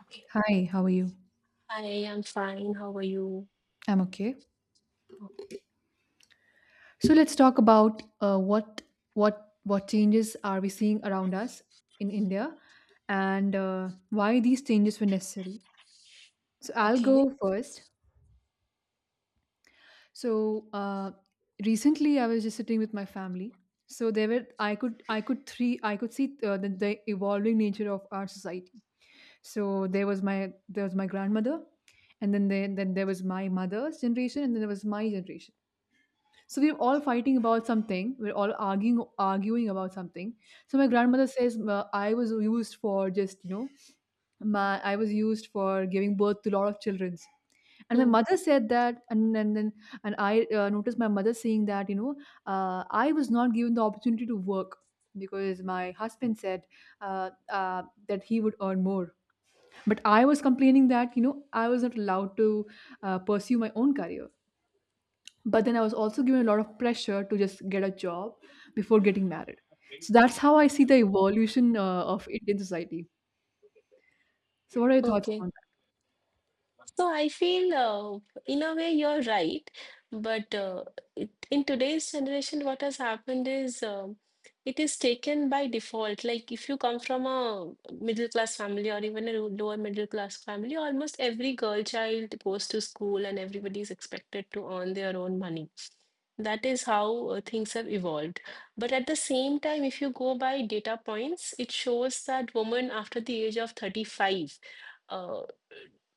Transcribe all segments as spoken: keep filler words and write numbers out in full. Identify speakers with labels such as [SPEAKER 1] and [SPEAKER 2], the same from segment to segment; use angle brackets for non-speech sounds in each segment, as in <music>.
[SPEAKER 1] Okay.
[SPEAKER 2] Hi, how are you?
[SPEAKER 1] I am fine. How are you?
[SPEAKER 2] I'm okay. So let's talk about uh, what what what changes are we seeing around us in India, and uh, why these changes were necessary. So I'll
[SPEAKER 1] Okay.
[SPEAKER 2] go first. So uh, recently, I was just sitting with my family. So there were I could I could three I could see uh, the, the evolving nature of our society. So there was my there was my grandmother, and then there, then there was my mother's generation, and then there was my generation. So we're all fighting about something. We're all arguing arguing about something. So my grandmother says, "Ma- I was used for just you know my I was used for giving birth to a lot of childrens." And my
[SPEAKER 1] Mm,
[SPEAKER 2] mother said that, and and then and I uh, noticed my mother saying that you know uh, I was not given the opportunity to work because my husband said, uh, uh, that he would earn more. But I was complaining that you know I was not allowed to uh, pursue my own career, but then I was also given a lot of pressure to just get a job before getting married. So that's how I see the evolution uh, of Indian society. So what are your thoughts on
[SPEAKER 1] Okay.
[SPEAKER 2] that?
[SPEAKER 1] So I feel, uh, in a way, you're right. But uh, it, in today's generation, what has happened is um it is taken by default. Like if you come from a middle class family or even a ru- lower middle class family, almost every girl child goes to school and everybody is expected to earn their own money. That is how uh, things have evolved. But at the same time, if you go by data points, it shows that women after the age of thirty-five uh,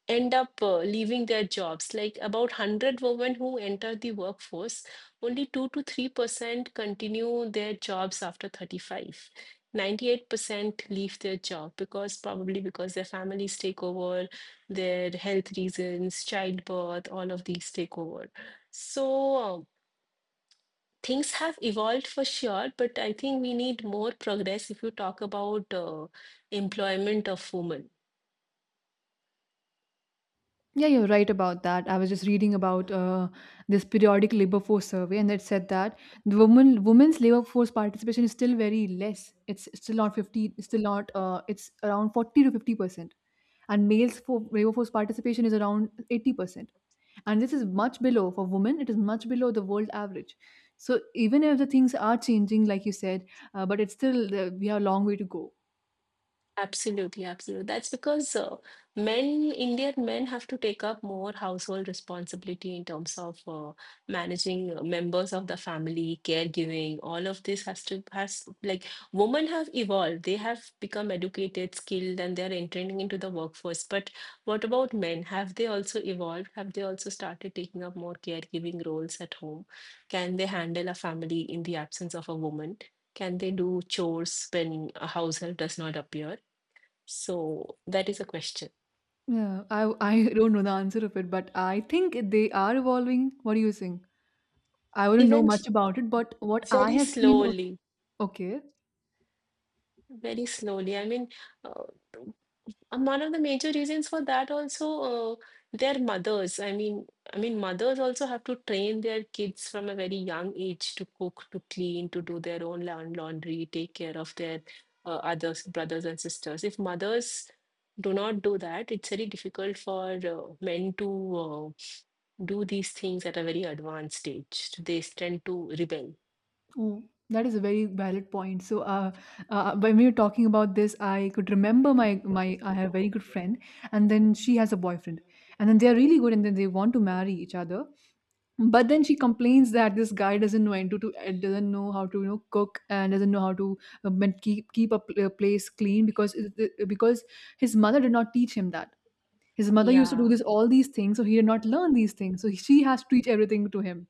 [SPEAKER 1] end up uh, leaving their jobs. Like about a hundred women who enter the workforce, only two to three percent continue their jobs after thirty-five. ninety-eight percent leave their job because probably because their families take over, their health reasons, childbirth, all of these take over. So uh, things have evolved for sure, but I think we need more progress if you talk about uh, employment of women.
[SPEAKER 2] Yeah, you're right about that. I was just reading about uh, this periodic labor force survey, and it said that the woman women's labor force participation is still very less. It's still not fifty. It's still not uh, it's around forty to fifty percent, and males for labor force participation is around eighty percent, and this is much below for women. It is much below the world average. So even if the things are changing, like you said, uh, but it's still uh, we have a long way to go.
[SPEAKER 1] Absolutely, absolutely. That's because uh, men, Indian men, have to take up more household responsibility in terms of uh, managing uh, members of the family, caregiving. All of this has to has like women have evolved. They have become educated, skilled, and they are entering into the workforce. But what about men? Have they also evolved? Have they also started taking up more caregiving roles at home? Can they handle a family in the absence of a woman? Can they do chores when a household does not appear? So that is a question.
[SPEAKER 2] Yeah, i i <laughs> don't know the answer of it, but I think they are evolving. What do you think? I wouldn't know
[SPEAKER 1] Event
[SPEAKER 2] much about it, but what I
[SPEAKER 1] very
[SPEAKER 2] have seen.
[SPEAKER 1] slowly,
[SPEAKER 2] Okay.
[SPEAKER 1] very slowly. I mean, uh, and one of the major reasons for that also uh, their mothers. I mean, I mean, mothers also have to train their kids from a very young age to cook, to clean, to do their own laun- laundry, take care of their uh, others, brothers and sisters. If mothers do not do that, it's very difficult for uh, men to uh, do these things at a very advanced stage. They tend to rebel.
[SPEAKER 2] Oh, that is a very valid point. So uh, uh, when we were talking about this, I could remember my my I have a very good friend, and then she has a boyfriend, and then they are really good, and then they want to marry each other. But then she complains that this guy doesn't know and to, to uh, doesn't know how to you know cook, and doesn't know how to uh, man- keep keep a pl- a place clean because it- because his mother did not teach him that. His mother used to do
[SPEAKER 1] Yeah,
[SPEAKER 2] this, all these things, so he did not learn these things, so she has to teach everything to him.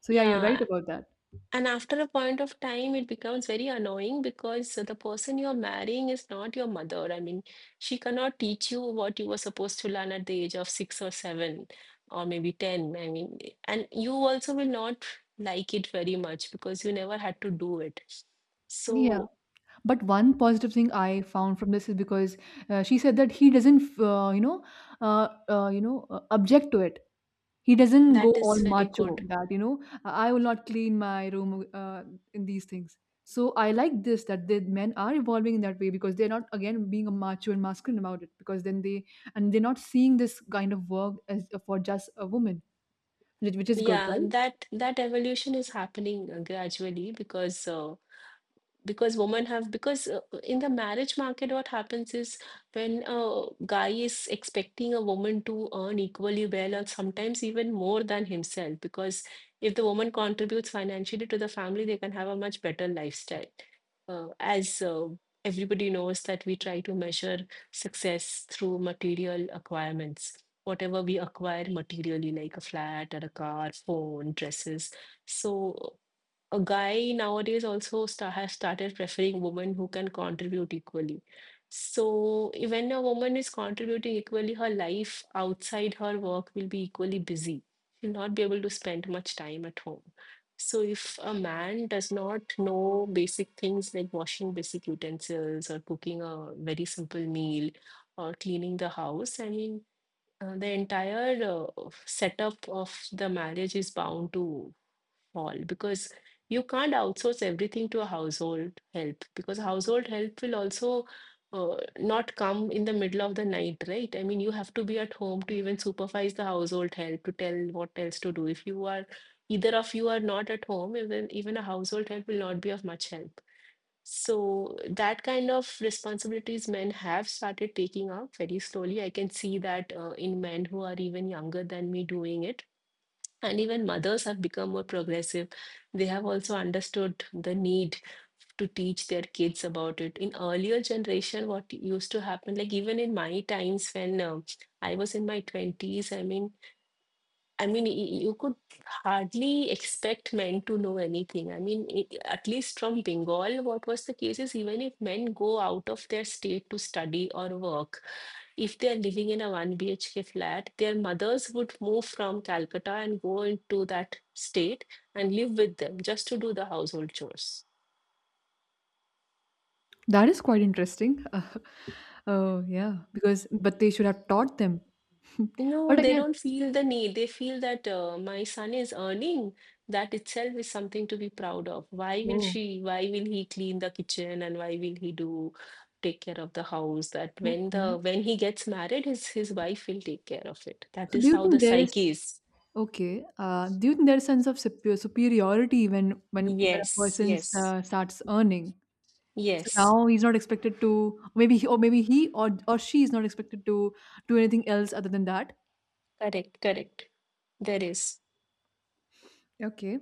[SPEAKER 2] So yeah, you're
[SPEAKER 1] yeah.
[SPEAKER 2] right about that.
[SPEAKER 1] And after a point of time, it becomes very annoying because the person you're marrying is not your mother. I mean, she cannot teach you what you were supposed to learn at the age of six or seven or maybe ten. I mean, and you also will not like it very much because you never had to do it.
[SPEAKER 2] Yeah,
[SPEAKER 1] So
[SPEAKER 2] but one positive thing I found from this is, because uh, she said that he doesn't uh, you know uh, uh, you know uh, object to it. He doesn't go
[SPEAKER 1] that is
[SPEAKER 2] all
[SPEAKER 1] very
[SPEAKER 2] macho
[SPEAKER 1] good.
[SPEAKER 2] that, you know, "I I will not clean my room," uh, and these things. So I like this, that the men are evolving in that way, because they're not again being a macho and masculine about it, because then they and they're not seeing this kind of work as uh, for just a woman, which which is good,
[SPEAKER 1] Yeah,
[SPEAKER 2] right?
[SPEAKER 1] and that that evolution is happening uh, gradually because uh, because women have because uh, in the marriage market what happens is when a guy is expecting a woman to earn equally well or sometimes even more than himself because if the woman contributes financially to the family they can have a much better lifestyle uh, as uh, everybody knows that we try to measure success through material acquirements whatever we acquire materially like a flat or a car phone dresses. So a guy nowadays also sta has started preferring women who can contribute equally. So i- when a woman is contributing equally, her life outside her work will be equally busy. She'll not be able to spend much time at home. So if a man does not know basic things like washing basic utensils or cooking a very simple meal or cleaning the house, I mean, uh, the entire uh, setup of the marriage is bound to all because you can't outsource everything to a household help because household help will also uh, not come in the middle of the night, right? I mean, you have to be at home to even supervise the household help to tell what else to do. If you are either of you are not at home, even even a household help will not be of much help. So that kind of responsibilities men have started taking up very slowly. I can see that uh, in men who are even younger than me doing it, and even mothers have become more progressive. They have also understood the need to teach their kids about it. In earlier generation, what used to happen, like even in my times when um I was in my twenties, I mean, I mean, y- you could hardly expect men to know anything. I mean, I at least from Bengal, what was the case is even if men go out of their state to study or work, if they are living in a one B H K flat, their mothers would move from Calcutta and go into that state and live with them just to do the household chores.
[SPEAKER 2] That is quite interesting. <laughs> Oh yeah, because but they should have taught them. <laughs>
[SPEAKER 1] No,
[SPEAKER 2] But
[SPEAKER 1] they
[SPEAKER 2] again,
[SPEAKER 1] don't feel the need. They feel that uh, my son is earning. That itself is something to be proud of. Why will
[SPEAKER 2] oh,
[SPEAKER 1] she, why will he clean the kitchen and why will he do take care of the house? That when the
[SPEAKER 2] okay.
[SPEAKER 1] when he gets married, his his wife will take care of it. That
[SPEAKER 2] So do
[SPEAKER 1] is
[SPEAKER 2] you
[SPEAKER 1] how
[SPEAKER 2] think
[SPEAKER 1] the
[SPEAKER 2] there is—
[SPEAKER 1] psyche is.
[SPEAKER 2] Okay. Uh, do you think there's a sense of supe- superiority when when when a
[SPEAKER 1] Yes,
[SPEAKER 2] person
[SPEAKER 1] yes,
[SPEAKER 2] uh, starts earning? So
[SPEAKER 1] yes.
[SPEAKER 2] now he's not expected to, maybe he, or maybe he or or she is not expected to do anything else other than that.
[SPEAKER 1] Correct, correct. There is.
[SPEAKER 2] Okay.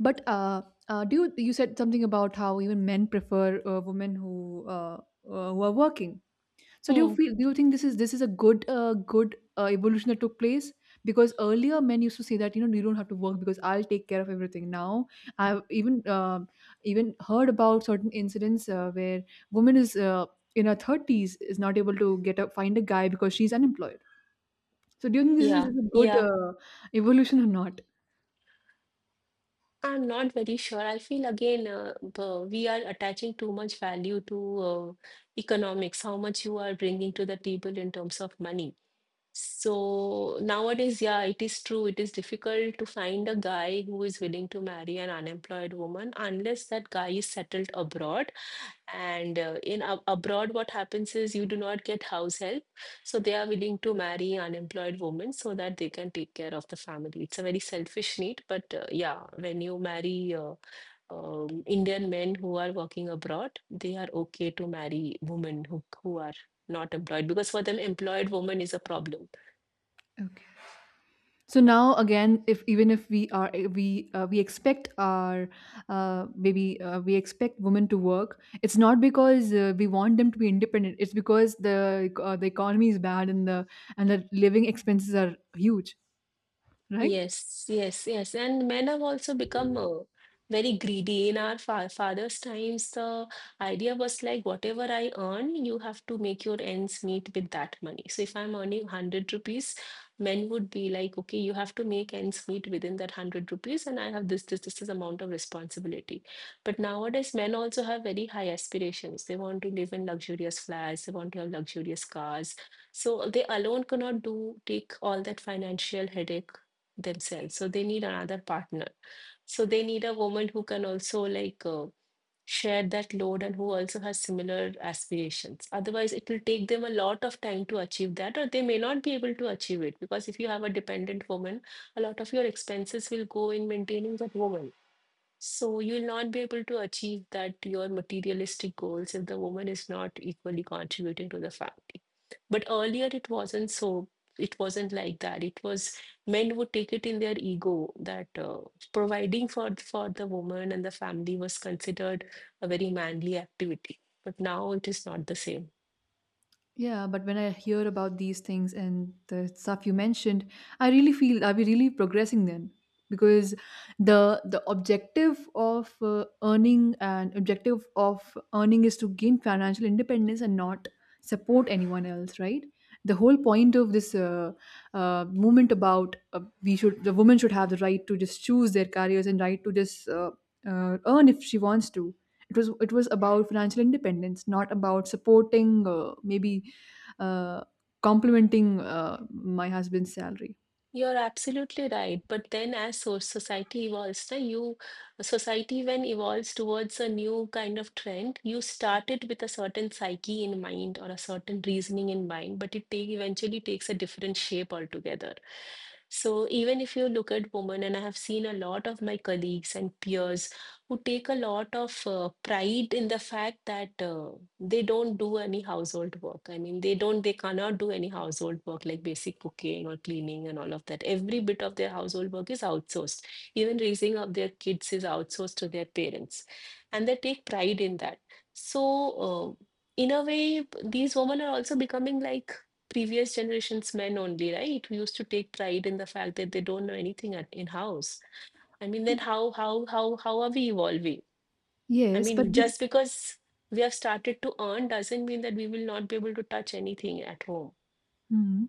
[SPEAKER 2] But uh, uh, do you— you said something about how even men prefer uh, women who uh, uh, who are working. So do you
[SPEAKER 1] Hmm.
[SPEAKER 2] feel? Do you think this is this is a good uh, good uh, evolution that took place? Because earlier men used to say that, you know, you don't have to work because I'll take care of everything. Now I've even um even heard about certain incidents uh, where woman is uh, in her thirties is not able to get a, find a guy because she's unemployed. So do you think this is
[SPEAKER 1] Yeah,
[SPEAKER 2] a good
[SPEAKER 1] yeah.
[SPEAKER 2] uh, evolution or not?
[SPEAKER 1] I'm not very sure. I feel again, uh, b- we are attaching too much value to uh, economics, how much you are bringing to the table in terms of money. So nowadays, yeah, it is true. It is difficult to find a guy who is willing to marry an unemployed woman unless that guy is settled abroad and uh, in ab- abroad what happens is you do not get house help, so they are willing to marry unemployed women so that they can take care of the family. It's a very selfish need, but uh, yeah, when you marry uh, um, indian men who are working abroad, they are okay to marry women who, who are not employed because for them employed woman is a problem.
[SPEAKER 2] Okay. So now again, if even if we are eh, we uh, we expect our uh, maybe uh, we expect women to work, it's not because uh, we want them to be independent. It's because the uh, the economy is bad, and the and the living expenses are huge, right?
[SPEAKER 1] Yes, yes, yes. And men have also become uh, very greedy. In our fa father's times, the idea was like whatever I earn, you have to make your ends meet with that money. So if I'm earning one hundred rupees, men would be like, okay, you have to make ends meet within that a hundred rupees, and I have this, this, this, this amount of responsibility. But nowadays, men also have very high aspirations. They want to live in luxurious flats, they want to have luxurious cars. So they alone cannot do take all that financial headache themselves, so they need another partner. So they need a woman who can also like uh, share that load and who also has similar aspirations, otherwise it will take them a lot of time to achieve that or they may not be able to achieve it because if you have a dependent woman, a lot of your expenses will go in maintaining that woman, so you'll not be able to achieve that your materialistic goals if the woman is not equally contributing to the family. But earlier it wasn't so, it wasn't like that. It was men would take it in their ego that uh, providing for for the woman and the family was considered a very manly activity. But now it is not the same.
[SPEAKER 2] Yeah, but when I hear about these things and the stuff you mentioned, I really feel, are we really progressing then? Because the the objective of uh, earning and objective of earning is to gain financial independence and not support anyone else, right? The whole point of this uh, uh, movement about uh, we should— the woman should have the right to just choose their careers, and right to just uh, uh, earn if she wants to. It was— it was about financial independence, not about supporting uh, maybe uh, complementing uh, my husband's salary.
[SPEAKER 1] You're absolutely right. But then as so society evolves, na, you society when evolves towards a new kind of trend, you start it with a certain psyche in mind or a certain reasoning in mind, but it take, eventually takes a different shape altogether. So even if you look at women, and I have seen a lot of my colleagues and peers who take a lot of uh, pride in the fact that uh, they don't do any household work. I mean, they don't they cannot do any household work like basic cooking or cleaning and all of that. Every bit of their household work is outsourced, even raising of their kids is outsourced to their parents, and they take pride in that. So uh, in a way these women are also becoming like previous generations men only, right, who used to take pride in the fact that they don't know anything at, in house. I mean, then how how how how are we evolving? I
[SPEAKER 2] Yes, but
[SPEAKER 1] mean,
[SPEAKER 2] this—
[SPEAKER 1] just because we have started to earn doesn't mean that we will not be able to touch anything at home.
[SPEAKER 2] Hmm.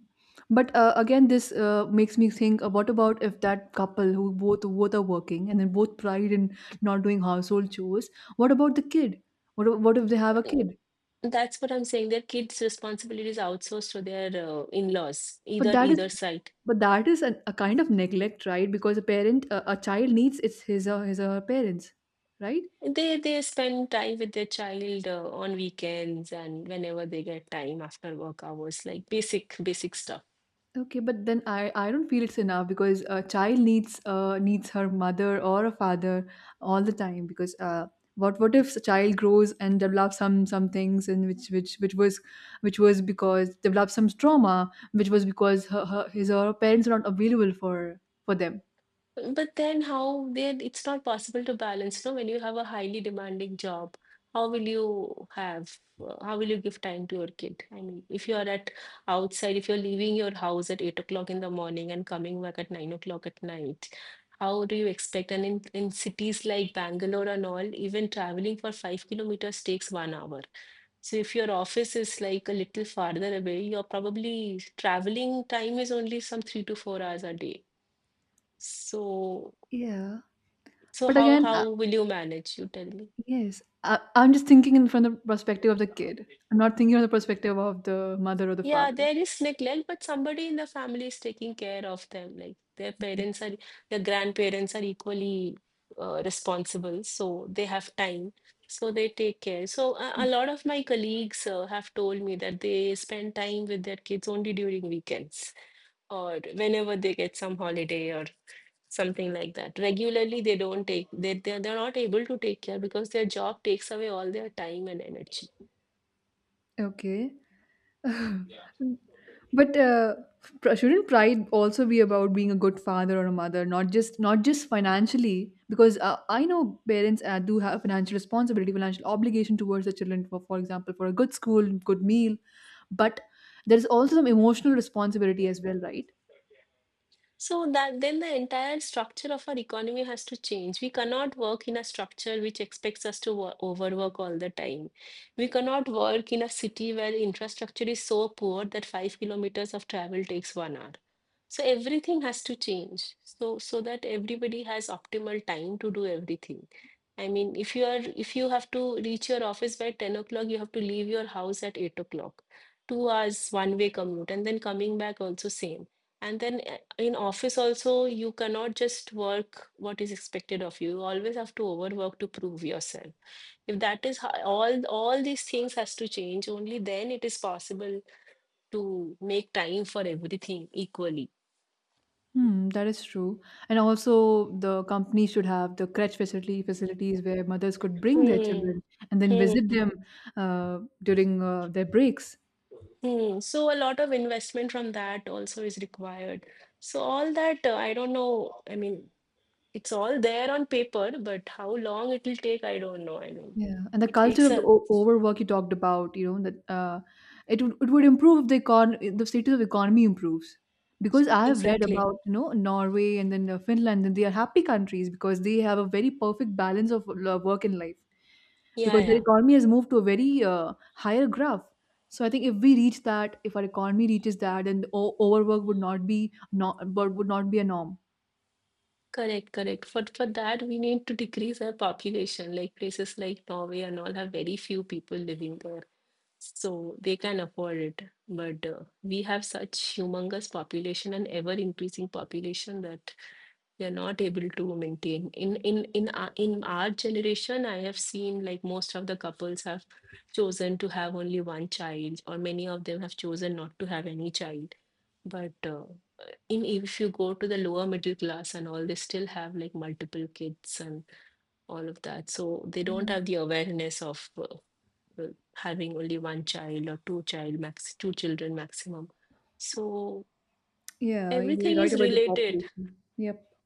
[SPEAKER 2] But uh, again, this uh, makes me think, uh, what about if that couple who both both are working and then both pride in not doing household chores? What about the kid? What if- what if they have a
[SPEAKER 1] Mm,
[SPEAKER 2] kid?
[SPEAKER 1] That's what I'm saying. Their kids' responsibility is outsourced to their uh, in-laws,
[SPEAKER 2] But
[SPEAKER 1] either
[SPEAKER 2] that is—
[SPEAKER 1] either side.
[SPEAKER 2] but that is an, a kind of neglect, right? Because a parent a, a child needs its his or his or her parents, right?
[SPEAKER 1] They they spend time with their child uh, on weekends and whenever they get time after work hours, like basic basic stuff.
[SPEAKER 2] Okay, but then I, I don't feel it's enough, because a child needs uh, needs her mother or a father all the time, because uh, what what if a child grows and develops some some things, and which which which was which was because develops some trauma which was because her, her his or her parents are not available for for them.
[SPEAKER 1] But then how then it's not possible to balance, no? When you have a highly demanding job, how will you have uh, how will you give time to your kid? I mean, if you are at outside, if you're leaving your house at eight o'clock in the morning and coming back at nine o'clock at night, how do you expect? And in, in cities like Bangalore and all, even traveling for five kilometers takes one hour. So if your office is like a little farther away, you're probably traveling time is only some three to four hours a day. So
[SPEAKER 2] Yeah,
[SPEAKER 1] so
[SPEAKER 2] but
[SPEAKER 1] how
[SPEAKER 2] again,
[SPEAKER 1] how
[SPEAKER 2] uh,
[SPEAKER 1] will you manage? You tell me.
[SPEAKER 2] yes, I, I'm just thinking in from the perspective of the kid. I'm not thinking from the perspective of the mother or the
[SPEAKER 1] Yeah,
[SPEAKER 2] father.
[SPEAKER 1] there is neglect, but somebody in the family is taking care of them. Like their parents are, their grandparents are equally uh, responsible, so they have time, so they take care. So a, a lot of my colleagues uh, have told me that they spend time with their kids only during weekends or whenever they get some holiday or something like that. Regularly, they don't take they they they're not able to take care because their job takes away all their time and energy.
[SPEAKER 2] Okay. <laughs> But uh, pr- shouldn't pride also be about being a good father or a mother, not just not just financially? Because uh, I know parents uh, do have financial responsibility, financial obligation towards the children. For for example, for a good school, good meal, but there's also some emotional responsibility as well, right?
[SPEAKER 1] So that then the entire structure of our economy has to change. We cannot work in a structure which expects us to wo- overwork all the time. We cannot work in a city where infrastructure is so poor that five kilometers of travel takes one hour. So everything has to change. So so that everybody has optimal time to do everything. I mean, if you are if you have to reach your office by ten o'clock, you have to leave your house at eight o'clock. Two hours one-way commute, and then coming back also same. And then eh, in office also, you cannot just work what is expected of you. You always have to overwork to prove yourself. If that is how, all all these things has to change, only then it is possible to make time for everything equally.
[SPEAKER 2] Hmm, that is true. And also, the company should have the crutch facility facilities where mothers could bring their
[SPEAKER 1] Hmm,
[SPEAKER 2] children and then visit
[SPEAKER 1] hmm,
[SPEAKER 2] them uh, during uh, their breaks.
[SPEAKER 1] hmm. So a lot of investment from that also is required. So all that, uh, I don't know. I mean, it's all there on paper, but how long it will take, I don't know. I mean,
[SPEAKER 2] Yeah, and the
[SPEAKER 1] it
[SPEAKER 2] culture
[SPEAKER 1] takes
[SPEAKER 2] of the
[SPEAKER 1] a.
[SPEAKER 2] o- overwork you talked about, you know, that uh, it would it would improve if the econ if the status of economy improves. Because I have read
[SPEAKER 1] Exactly.
[SPEAKER 2] about, you know, Norway and then uh, Finland, and they are happy countries because they have a very perfect balance of uh, work and life.
[SPEAKER 1] Yeah,
[SPEAKER 2] Because their
[SPEAKER 1] yeah.
[SPEAKER 2] economy has moved to a very uh, higher graph. So I think if we reach that, if our economy reaches that, then the o- overwork would not be not but would not be a norm.
[SPEAKER 1] Correct, correct. For for that, we need to decrease our population. Like places like Norway and all have very few people living there, so they can afford it. But uh, we have such humongous population and ever increasing population that we are not able to maintain in in in our, in our generation, I have seen like most of the couples have chosen to have only one child, or many of them have chosen not to have any child. But uh, in if you go to the lower middle class and all, they still have like multiple kids and all of that. So they don't
[SPEAKER 2] Yeah,
[SPEAKER 1] have the awareness of uh, uh, having only one child or two child, max two children maximum. So
[SPEAKER 2] yeah, you're
[SPEAKER 1] everything
[SPEAKER 2] right
[SPEAKER 1] is
[SPEAKER 2] about the
[SPEAKER 1] related.
[SPEAKER 2] population. Yep.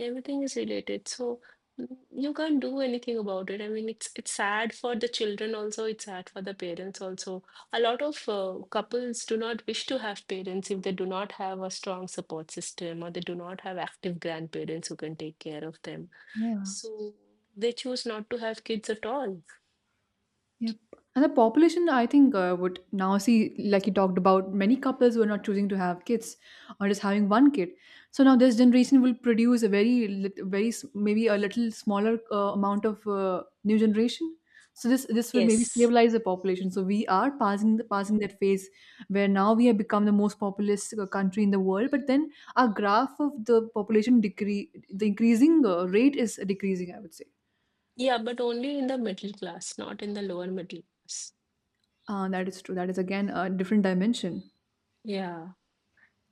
[SPEAKER 1] Everything is related, so mm, you can't do anything about it. I mean, it's it's sad for the children also, it's sad for the parents also. A lot of uh, couples do not wish to have parents if they do not have a strong support system or they do not have active grandparents who can take care of them.
[SPEAKER 2] Yeah.
[SPEAKER 1] So they choose not to have kids at all.
[SPEAKER 2] Yep. And the population, I think, uh, would now see, like you talked about, many couples who are not choosing to have kids or just having one kid. So now this generation will produce a very, lit- very s- maybe a little smaller uh, amount of uh, new generation. So this this will maybe
[SPEAKER 1] Yes.
[SPEAKER 2] stabilize the population. So we are passing the, passing that phase where now we have become the most populous uh, country in the world. But then our graph of the population decrease, the increasing uh, rate is decreasing, I would say.
[SPEAKER 1] Yeah, but only in the middle class, not in the lower middle class.
[SPEAKER 2] Uh, that is true. That is again a different dimension.
[SPEAKER 1] Yeah.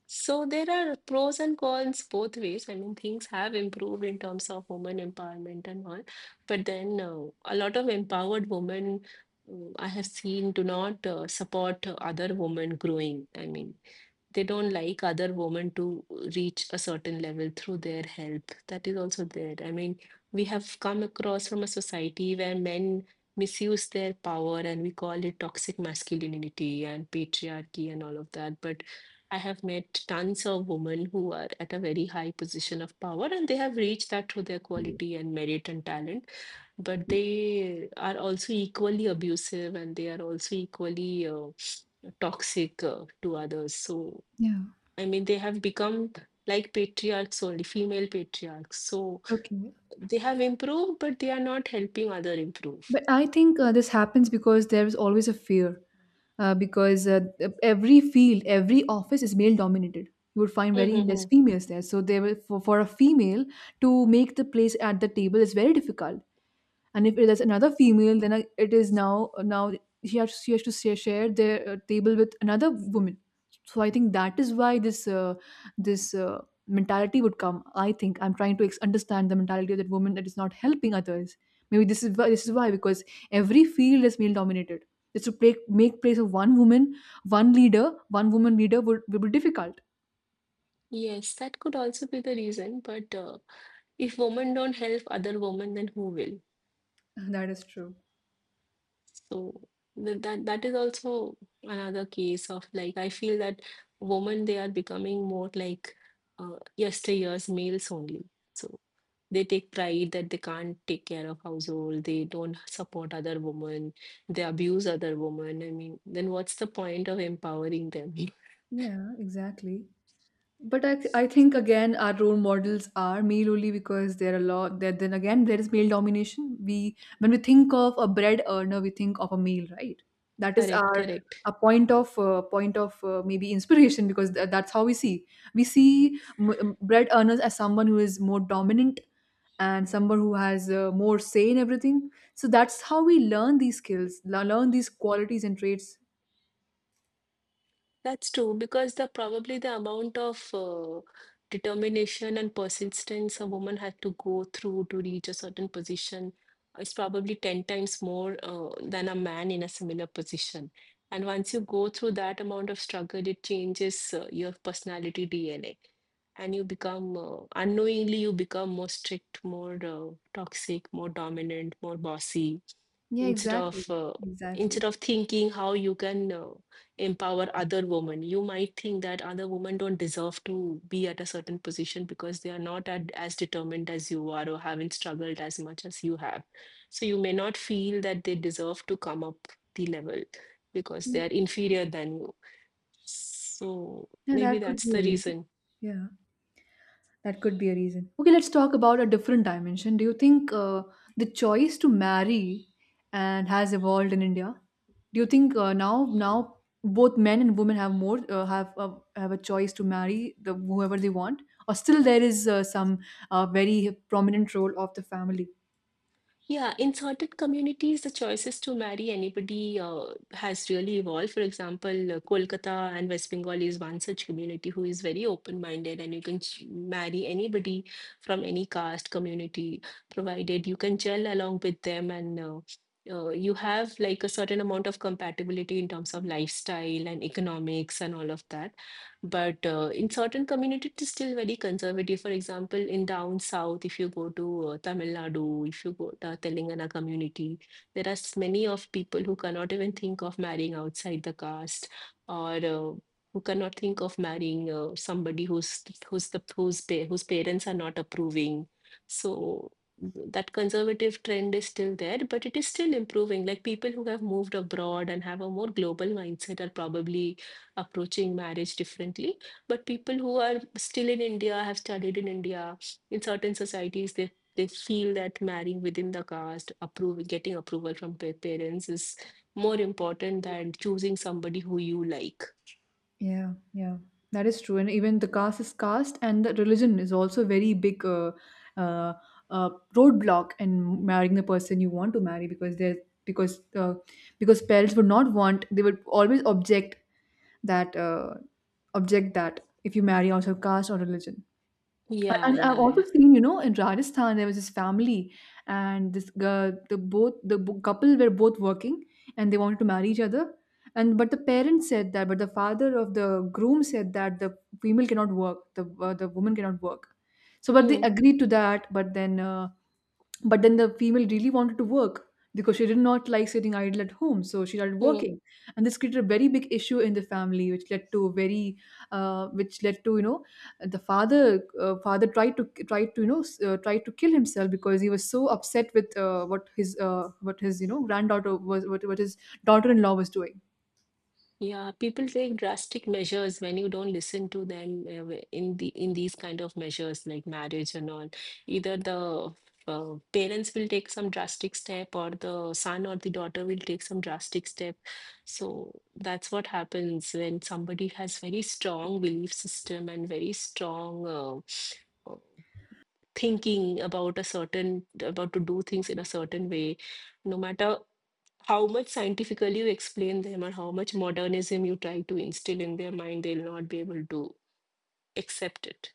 [SPEAKER 1] So there are pros and cons both ways. I mean, things have improved in terms of women empowerment and all, but then uh, a lot of empowered women uh, I have seen do not uh, support uh, other women growing. I mean, they don't like other women to reach a certain level through their help. That is also there. I mean, we have come across from a society where men misuse their power and we call it toxic masculinity and patriarchy and all of that. But I have met tons of women who are at a very high position of power and they have reached that through their quality and merit and talent. But they are also equally abusive and they are also equally uh, toxic uh, to others. So
[SPEAKER 2] Yeah.
[SPEAKER 1] I mean, they have become like patriarchs only, female patriarchs. So
[SPEAKER 2] Okay.
[SPEAKER 1] they have improved, but they are not helping other improve.
[SPEAKER 2] But I think uh, this happens because there is always a fear. Uh, because uh, every field, every office is male dominated. You would find very less
[SPEAKER 1] Mhm.
[SPEAKER 2] females there. So, there were, for, for a female to make the place at the table is very difficult. And if there's another female, then uh, it is now now she has, she has to share, share their uh, table with another woman. So I think that is why this uh, this uh, mentality would come. I think I'm trying to ex- understand the mentality of that woman that is not helping others. Maybe this is why this is why, because every field is male dominated, just to play, make place of one woman, one leader, one woman leader would, would be difficult.
[SPEAKER 1] Yes, that could also be the reason. But uh, if women don't help other women, then who will?
[SPEAKER 2] That is true.
[SPEAKER 1] So th- that that is also another case of like I feel that women they are becoming more like uh, yesteryear's males only. So. They take pride that they can't take care of household, they don't support other women, they abuse other women. I mean, then what's the point of empowering them?
[SPEAKER 2] Yeah, exactly. But I, th- I think again our role models are male only because there are a lot. That then again there is male domination. We, when we think of a bread earner, we think of a male, right?
[SPEAKER 1] <laughs>
[SPEAKER 2] That is
[SPEAKER 1] Correct,
[SPEAKER 2] our
[SPEAKER 1] correct.
[SPEAKER 2] a point of uh, point of uh, maybe inspiration <laughs> because th- that's how we see. We see m- m- bread earners as someone who is more dominant and someone who has uh, more say in everything. So that's how we learn these skills, le- learn these qualities and traits.
[SPEAKER 1] That's true, because the probably the amount of uh, determination and persistence a woman had to go through to reach a certain position is probably ten times more uh, than a man in a similar position. And once you go through that amount of struggle, it changes uh, your personality D N A, and you become uh, unknowingly you become more strict, more uh, toxic, more dominant, more bossy,
[SPEAKER 2] Yeah,
[SPEAKER 1] instead
[SPEAKER 2] exactly,
[SPEAKER 1] of uh, instead
[SPEAKER 2] exactly.
[SPEAKER 1] of thinking how you can uh, empower other women. You might think that other women don't deserve to be at a certain position because they are not at, as determined as you are or haven't struggled as much as you have, so you may not feel that they deserve to come up the level because they are inferior than you. So
[SPEAKER 2] Yeah,
[SPEAKER 1] maybe
[SPEAKER 2] that could
[SPEAKER 1] that's
[SPEAKER 2] be a
[SPEAKER 1] the
[SPEAKER 2] reason.
[SPEAKER 1] reason.
[SPEAKER 2] Yeah. That could be a reason. Okay, let's talk about a different dimension. Do you think uh, the choice to marry and has evolved in India? Do you think uh, now now both men and women have more uh, have uh, have a choice to marry the whoever they want, or still there is uh, some uh, very prominent role of the family?
[SPEAKER 1] Yeah, in certain communities, the choices to marry anybody uh, has really evolved. For example, uh, Kolkata and West Bengal is one such community who is very open-minded, and you can ch- marry anybody from any caste community, provided you can gel along with them and uh, uh, you have like a certain amount of compatibility in terms of lifestyle and economics and all of that. But uh, in certain communities, it's still very conservative. For example, in down south, if you go to uh, Tamil Nadu, if you go to Telangana community, there are s- many of people who cannot even think of marrying outside the caste or uh, who cannot think of marrying uh, somebody who's who's the whose pa- whose parents are not approving. So that conservative trend is still there, but it is still improving. Like people who have moved abroad and have a more global mindset are probably approaching marriage differently. But people who are still in India, have studied in India, in certain societies, they they feel that marrying within the caste, approve, getting approval from pa- parents is more important than choosing somebody who you like.
[SPEAKER 2] Yeah, yeah, that is true. And even the caste is caste, and the religion is also a very big uh, uh, uh, roadblock in marrying the person you want to marry because they're because uh, because parents would not want, they would always object that uh, object that if you marry also caste or religion. I
[SPEAKER 1] Yeah,
[SPEAKER 2] and I've
[SPEAKER 1] yeah,
[SPEAKER 2] also
[SPEAKER 1] yeah.
[SPEAKER 2] seen, you know, in Rajasthan there was this family, and this girl, the both the bo- couple were both working, and they wanted to marry each other, and but the parents said that, but the father of the groom said that the female cannot work, the uh, the woman cannot work, so but they
[SPEAKER 1] Hmm,
[SPEAKER 2] agreed to that, but then uh, but then the female really wanted to work because she did not like sitting idle at home, so she started
[SPEAKER 1] hmm.
[SPEAKER 2] working, and this created a very big issue in the family which led to a very uh, which led to, you know, the father uh, father tried to tried to, you know, s- uh, tried to kill himself because he was so upset with uh, what his uh, what his, you know, granddaughter was, what, what his daughter-in-law was doing.
[SPEAKER 1] Yeah, people take drastic measures when you don't listen to them uh, w- in the in these kind of measures like marriage and all. Either the uh, parents will take some drastic step, or the son or the daughter will take some drastic step. So that's what happens when somebody has very strong belief system and very strong uh, uh, thinking about a certain, about to do things in a certain way. No matter how much scientifically you explain them or how much modernism you try to instill in their mind, they'll not be able to accept it.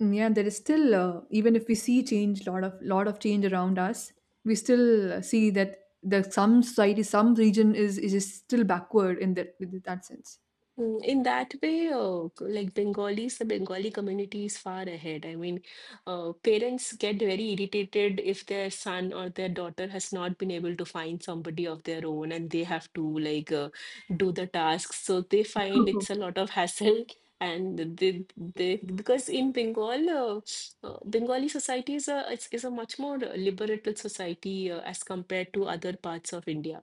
[SPEAKER 2] Mm, yeah, there is still uh, even if we see change, lot of lot of change around us, we still uh, see that the some society, some region is is still backward in that in that sense.
[SPEAKER 1] Mm. In that way, uh, c- like Bengalis, the Bengali community is far ahead. I mean, uh, parents get very irritated if their son or their daughter has not been able to find somebody of their own and they have to like uh, do the tasks. So they find it's a lot of hassle. <laughs> And they, they, because in Bengal, uh, uh, Bengali society is a is, is a much more uh, liberated society uh, as compared to other parts of India.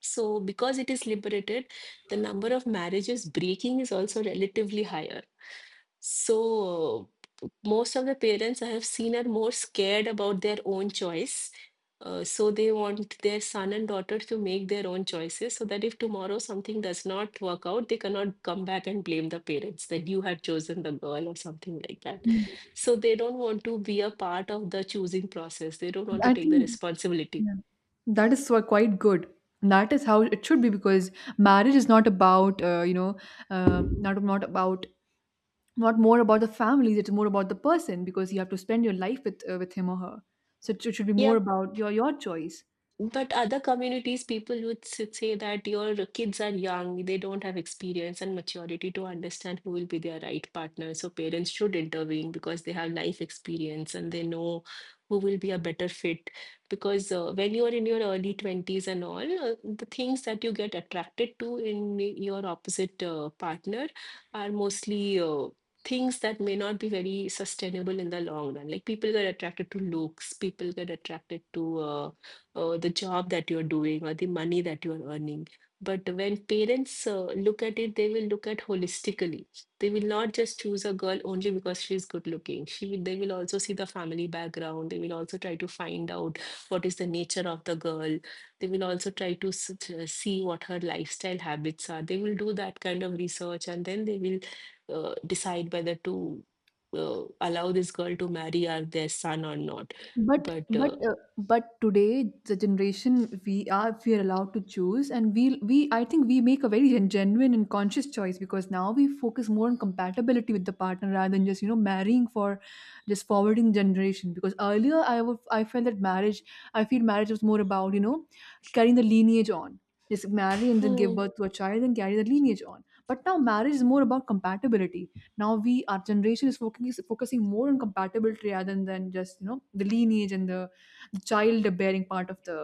[SPEAKER 1] So, because it is liberated, the number of marriages breaking is also relatively higher. So, most of the parents I have seen are more scared about their own choice. Uh, so, they want their son and daughter to make their own choices so that if tomorrow something does not work out, they cannot come back and blame the parents that you had chosen the girl or something like that.
[SPEAKER 2] Mm.
[SPEAKER 1] So, they don't want to be a part of the choosing process, they don't want to
[SPEAKER 2] I
[SPEAKER 1] take the
[SPEAKER 2] think,
[SPEAKER 1] responsibility.
[SPEAKER 2] yeah. That is so- quite good. That is how it should be because marriage is not about, uh, you know, uh, not not about not more about the families. It's more about the person because you have to spend your life with uh, with him or her. So it should it should be
[SPEAKER 1] Yeah,
[SPEAKER 2] more about your your choice.
[SPEAKER 1] but other communities, people would s- say that your kids are young, they don't have experience and maturity to understand who will be their right partner. So parents should intervene because they have life experience and they know who will be a better fit. Because uh, when you are in your early twenties and all, uh, the things that you get attracted to in your opposite uh, partner are mostly uh, things that may not be very sustainable in the long run. Like people get attracted to looks, people get attracted to uh, uh, the job that you're doing or the money that you're earning. But when parents uh, look at it, they will look at holistically. They will not just choose a girl only because she's good looking. She will, they will also see the family background. They will also try to find out what is the nature of the girl. They will also try to s- to see what her lifestyle habits are. They will do that kind of research and then they will uh, decide whether to uh, allow this girl to marry our, their son or not.
[SPEAKER 2] But
[SPEAKER 1] But
[SPEAKER 2] but
[SPEAKER 1] uh,
[SPEAKER 2] uh, but today the generation we are we are allowed to choose and we we I think, we make a very gen- genuine and conscious choice because now we focus more on compatibility with the partner rather than just, you know, marrying for just forwarding generation. Because earlier I would, I felt that marriage, I feel marriage was more about, you know, carrying the lineage on, just marry and then give
[SPEAKER 1] hmm.
[SPEAKER 2] birth to a child and carry the lineage on. But now marriage is more about compatibility. Now we, our generation, is focusing is focusing more on compatibility rather than than just, you know, the lineage and the, the child bearing part of the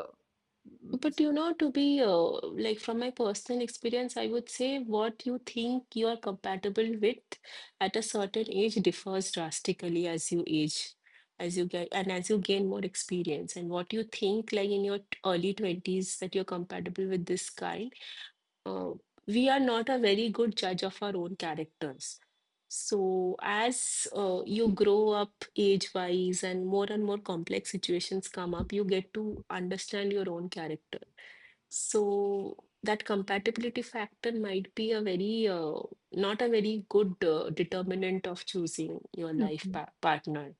[SPEAKER 1] But you know, to be uh, like from my personal experience, I would say what you think you are compatible with at a certain age differs drastically as you age, as you get and as you gain more experience. And what you think, like in your t- early twenties, that you're compatible with this guy, uh, we are not a very good judge of our own characters. So, as uh, you grow up age-wise and more and more complex situations come up, you get to understand your own character. So that compatibility factor might be a very uh, not a very good uh, determinant of choosing your life
[SPEAKER 2] okay.
[SPEAKER 1] pa partner.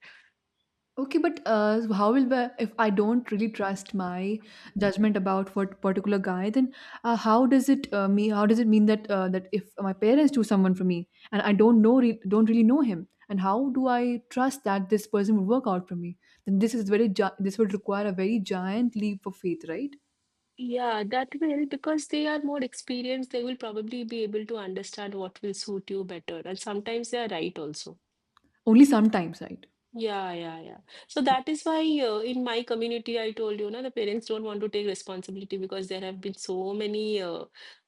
[SPEAKER 2] Okay, but uh, so how will the- if I don't really trust my judgment about what particular guy, then uh, how does it uh, me how does it mean that uh, that if my parents choose someone for me and I don't know re- don't really know him, and how do I trust that this person will work out for me? Then this is very gi- this would require a very giant leap of faith, right?
[SPEAKER 1] Yeah, that will, because they are more experienced, they will probably be able to understand what will suit you better. And sometimes they are right also.
[SPEAKER 2] Only sometimes, right?
[SPEAKER 1] Yeah, yeah, yeah. So that is why uh, in my community, I told you, na, the parents don't want to take responsibility because there have been so many uh,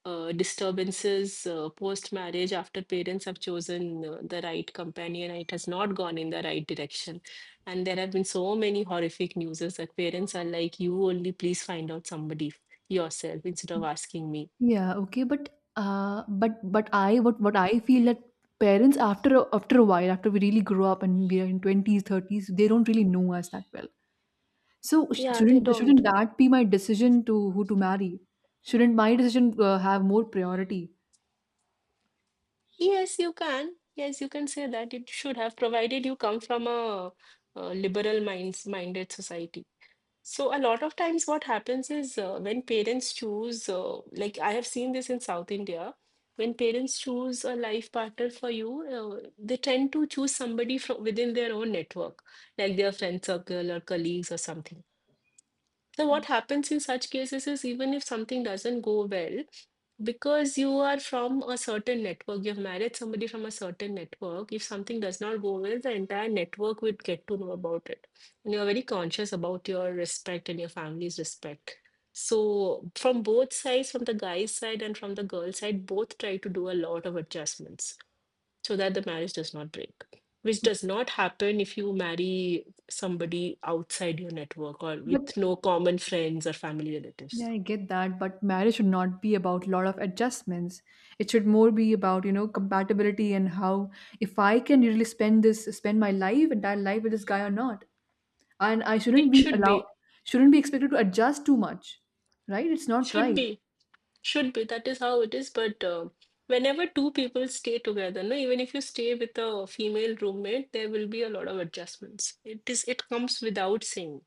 [SPEAKER 1] uh, disturbances uh, post-marriage after parents have chosen uh, the right companion and it has not gone in the right direction. And there have been so many horrific news that parents are like, you only please find out somebody yourself instead of asking me.
[SPEAKER 2] Yeah, okay, but uh, but but I, what what I feel, that parents after a- after a while, after we really grow up and we are in twenties, thirties, they don't really know us that well. So sh-
[SPEAKER 1] Yeah, they
[SPEAKER 2] shouldn't
[SPEAKER 1] don't.
[SPEAKER 2] shouldn't that be my decision to who to marry? Shouldn't my decision uh, have more priority?
[SPEAKER 1] Yes, you can. Yes, you can say that it should have, provided you come from a, uh liberal minds minded society. So a lot of times what happens is uh, when parents choose, uh, like I have seen this in South India, when parents choose a life partner for you, uh, they tend to choose somebody from within their own network, like their friend circle or colleagues or something. So what happens in such cases is even if something doesn't go well, because you are from a certain network, you've married somebody from a certain network, if something does not go well, the entire network would get to know about it. And you're very conscious about your respect and your family's respect. So from both sides, from the guy's side and from the girl's side, both try to do a lot of adjustments so that the marriage does not break, which does not happen if you marry somebody outside your network or
[SPEAKER 2] But
[SPEAKER 1] with no common friends or family
[SPEAKER 2] yeah,
[SPEAKER 1] relatives.
[SPEAKER 2] I get that, but marriage should not be about lot of adjustments. It should more be about, you know, compatibility and how if I can really spend this spend my life, entire life, with this guy or not. And I shouldn't
[SPEAKER 1] It
[SPEAKER 2] be
[SPEAKER 1] should
[SPEAKER 2] allowed
[SPEAKER 1] be,
[SPEAKER 2] shouldn't be expected to adjust too much. Right? It's not
[SPEAKER 1] should
[SPEAKER 2] right.
[SPEAKER 1] be, should be. That is how it is. But uh, whenever two people stay together, no, even if you stay with a female roommate, there will be a lot of adjustments. It is, it comes without saying.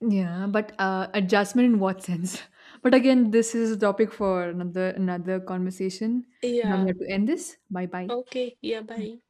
[SPEAKER 2] Yeah, but uh, adjustment in what sense? <laughs> But again, this is a topic for another another conversation. Now we
[SPEAKER 1] Yeah.
[SPEAKER 2] have to end this. Bye bye.
[SPEAKER 1] Okay. Yeah. Bye.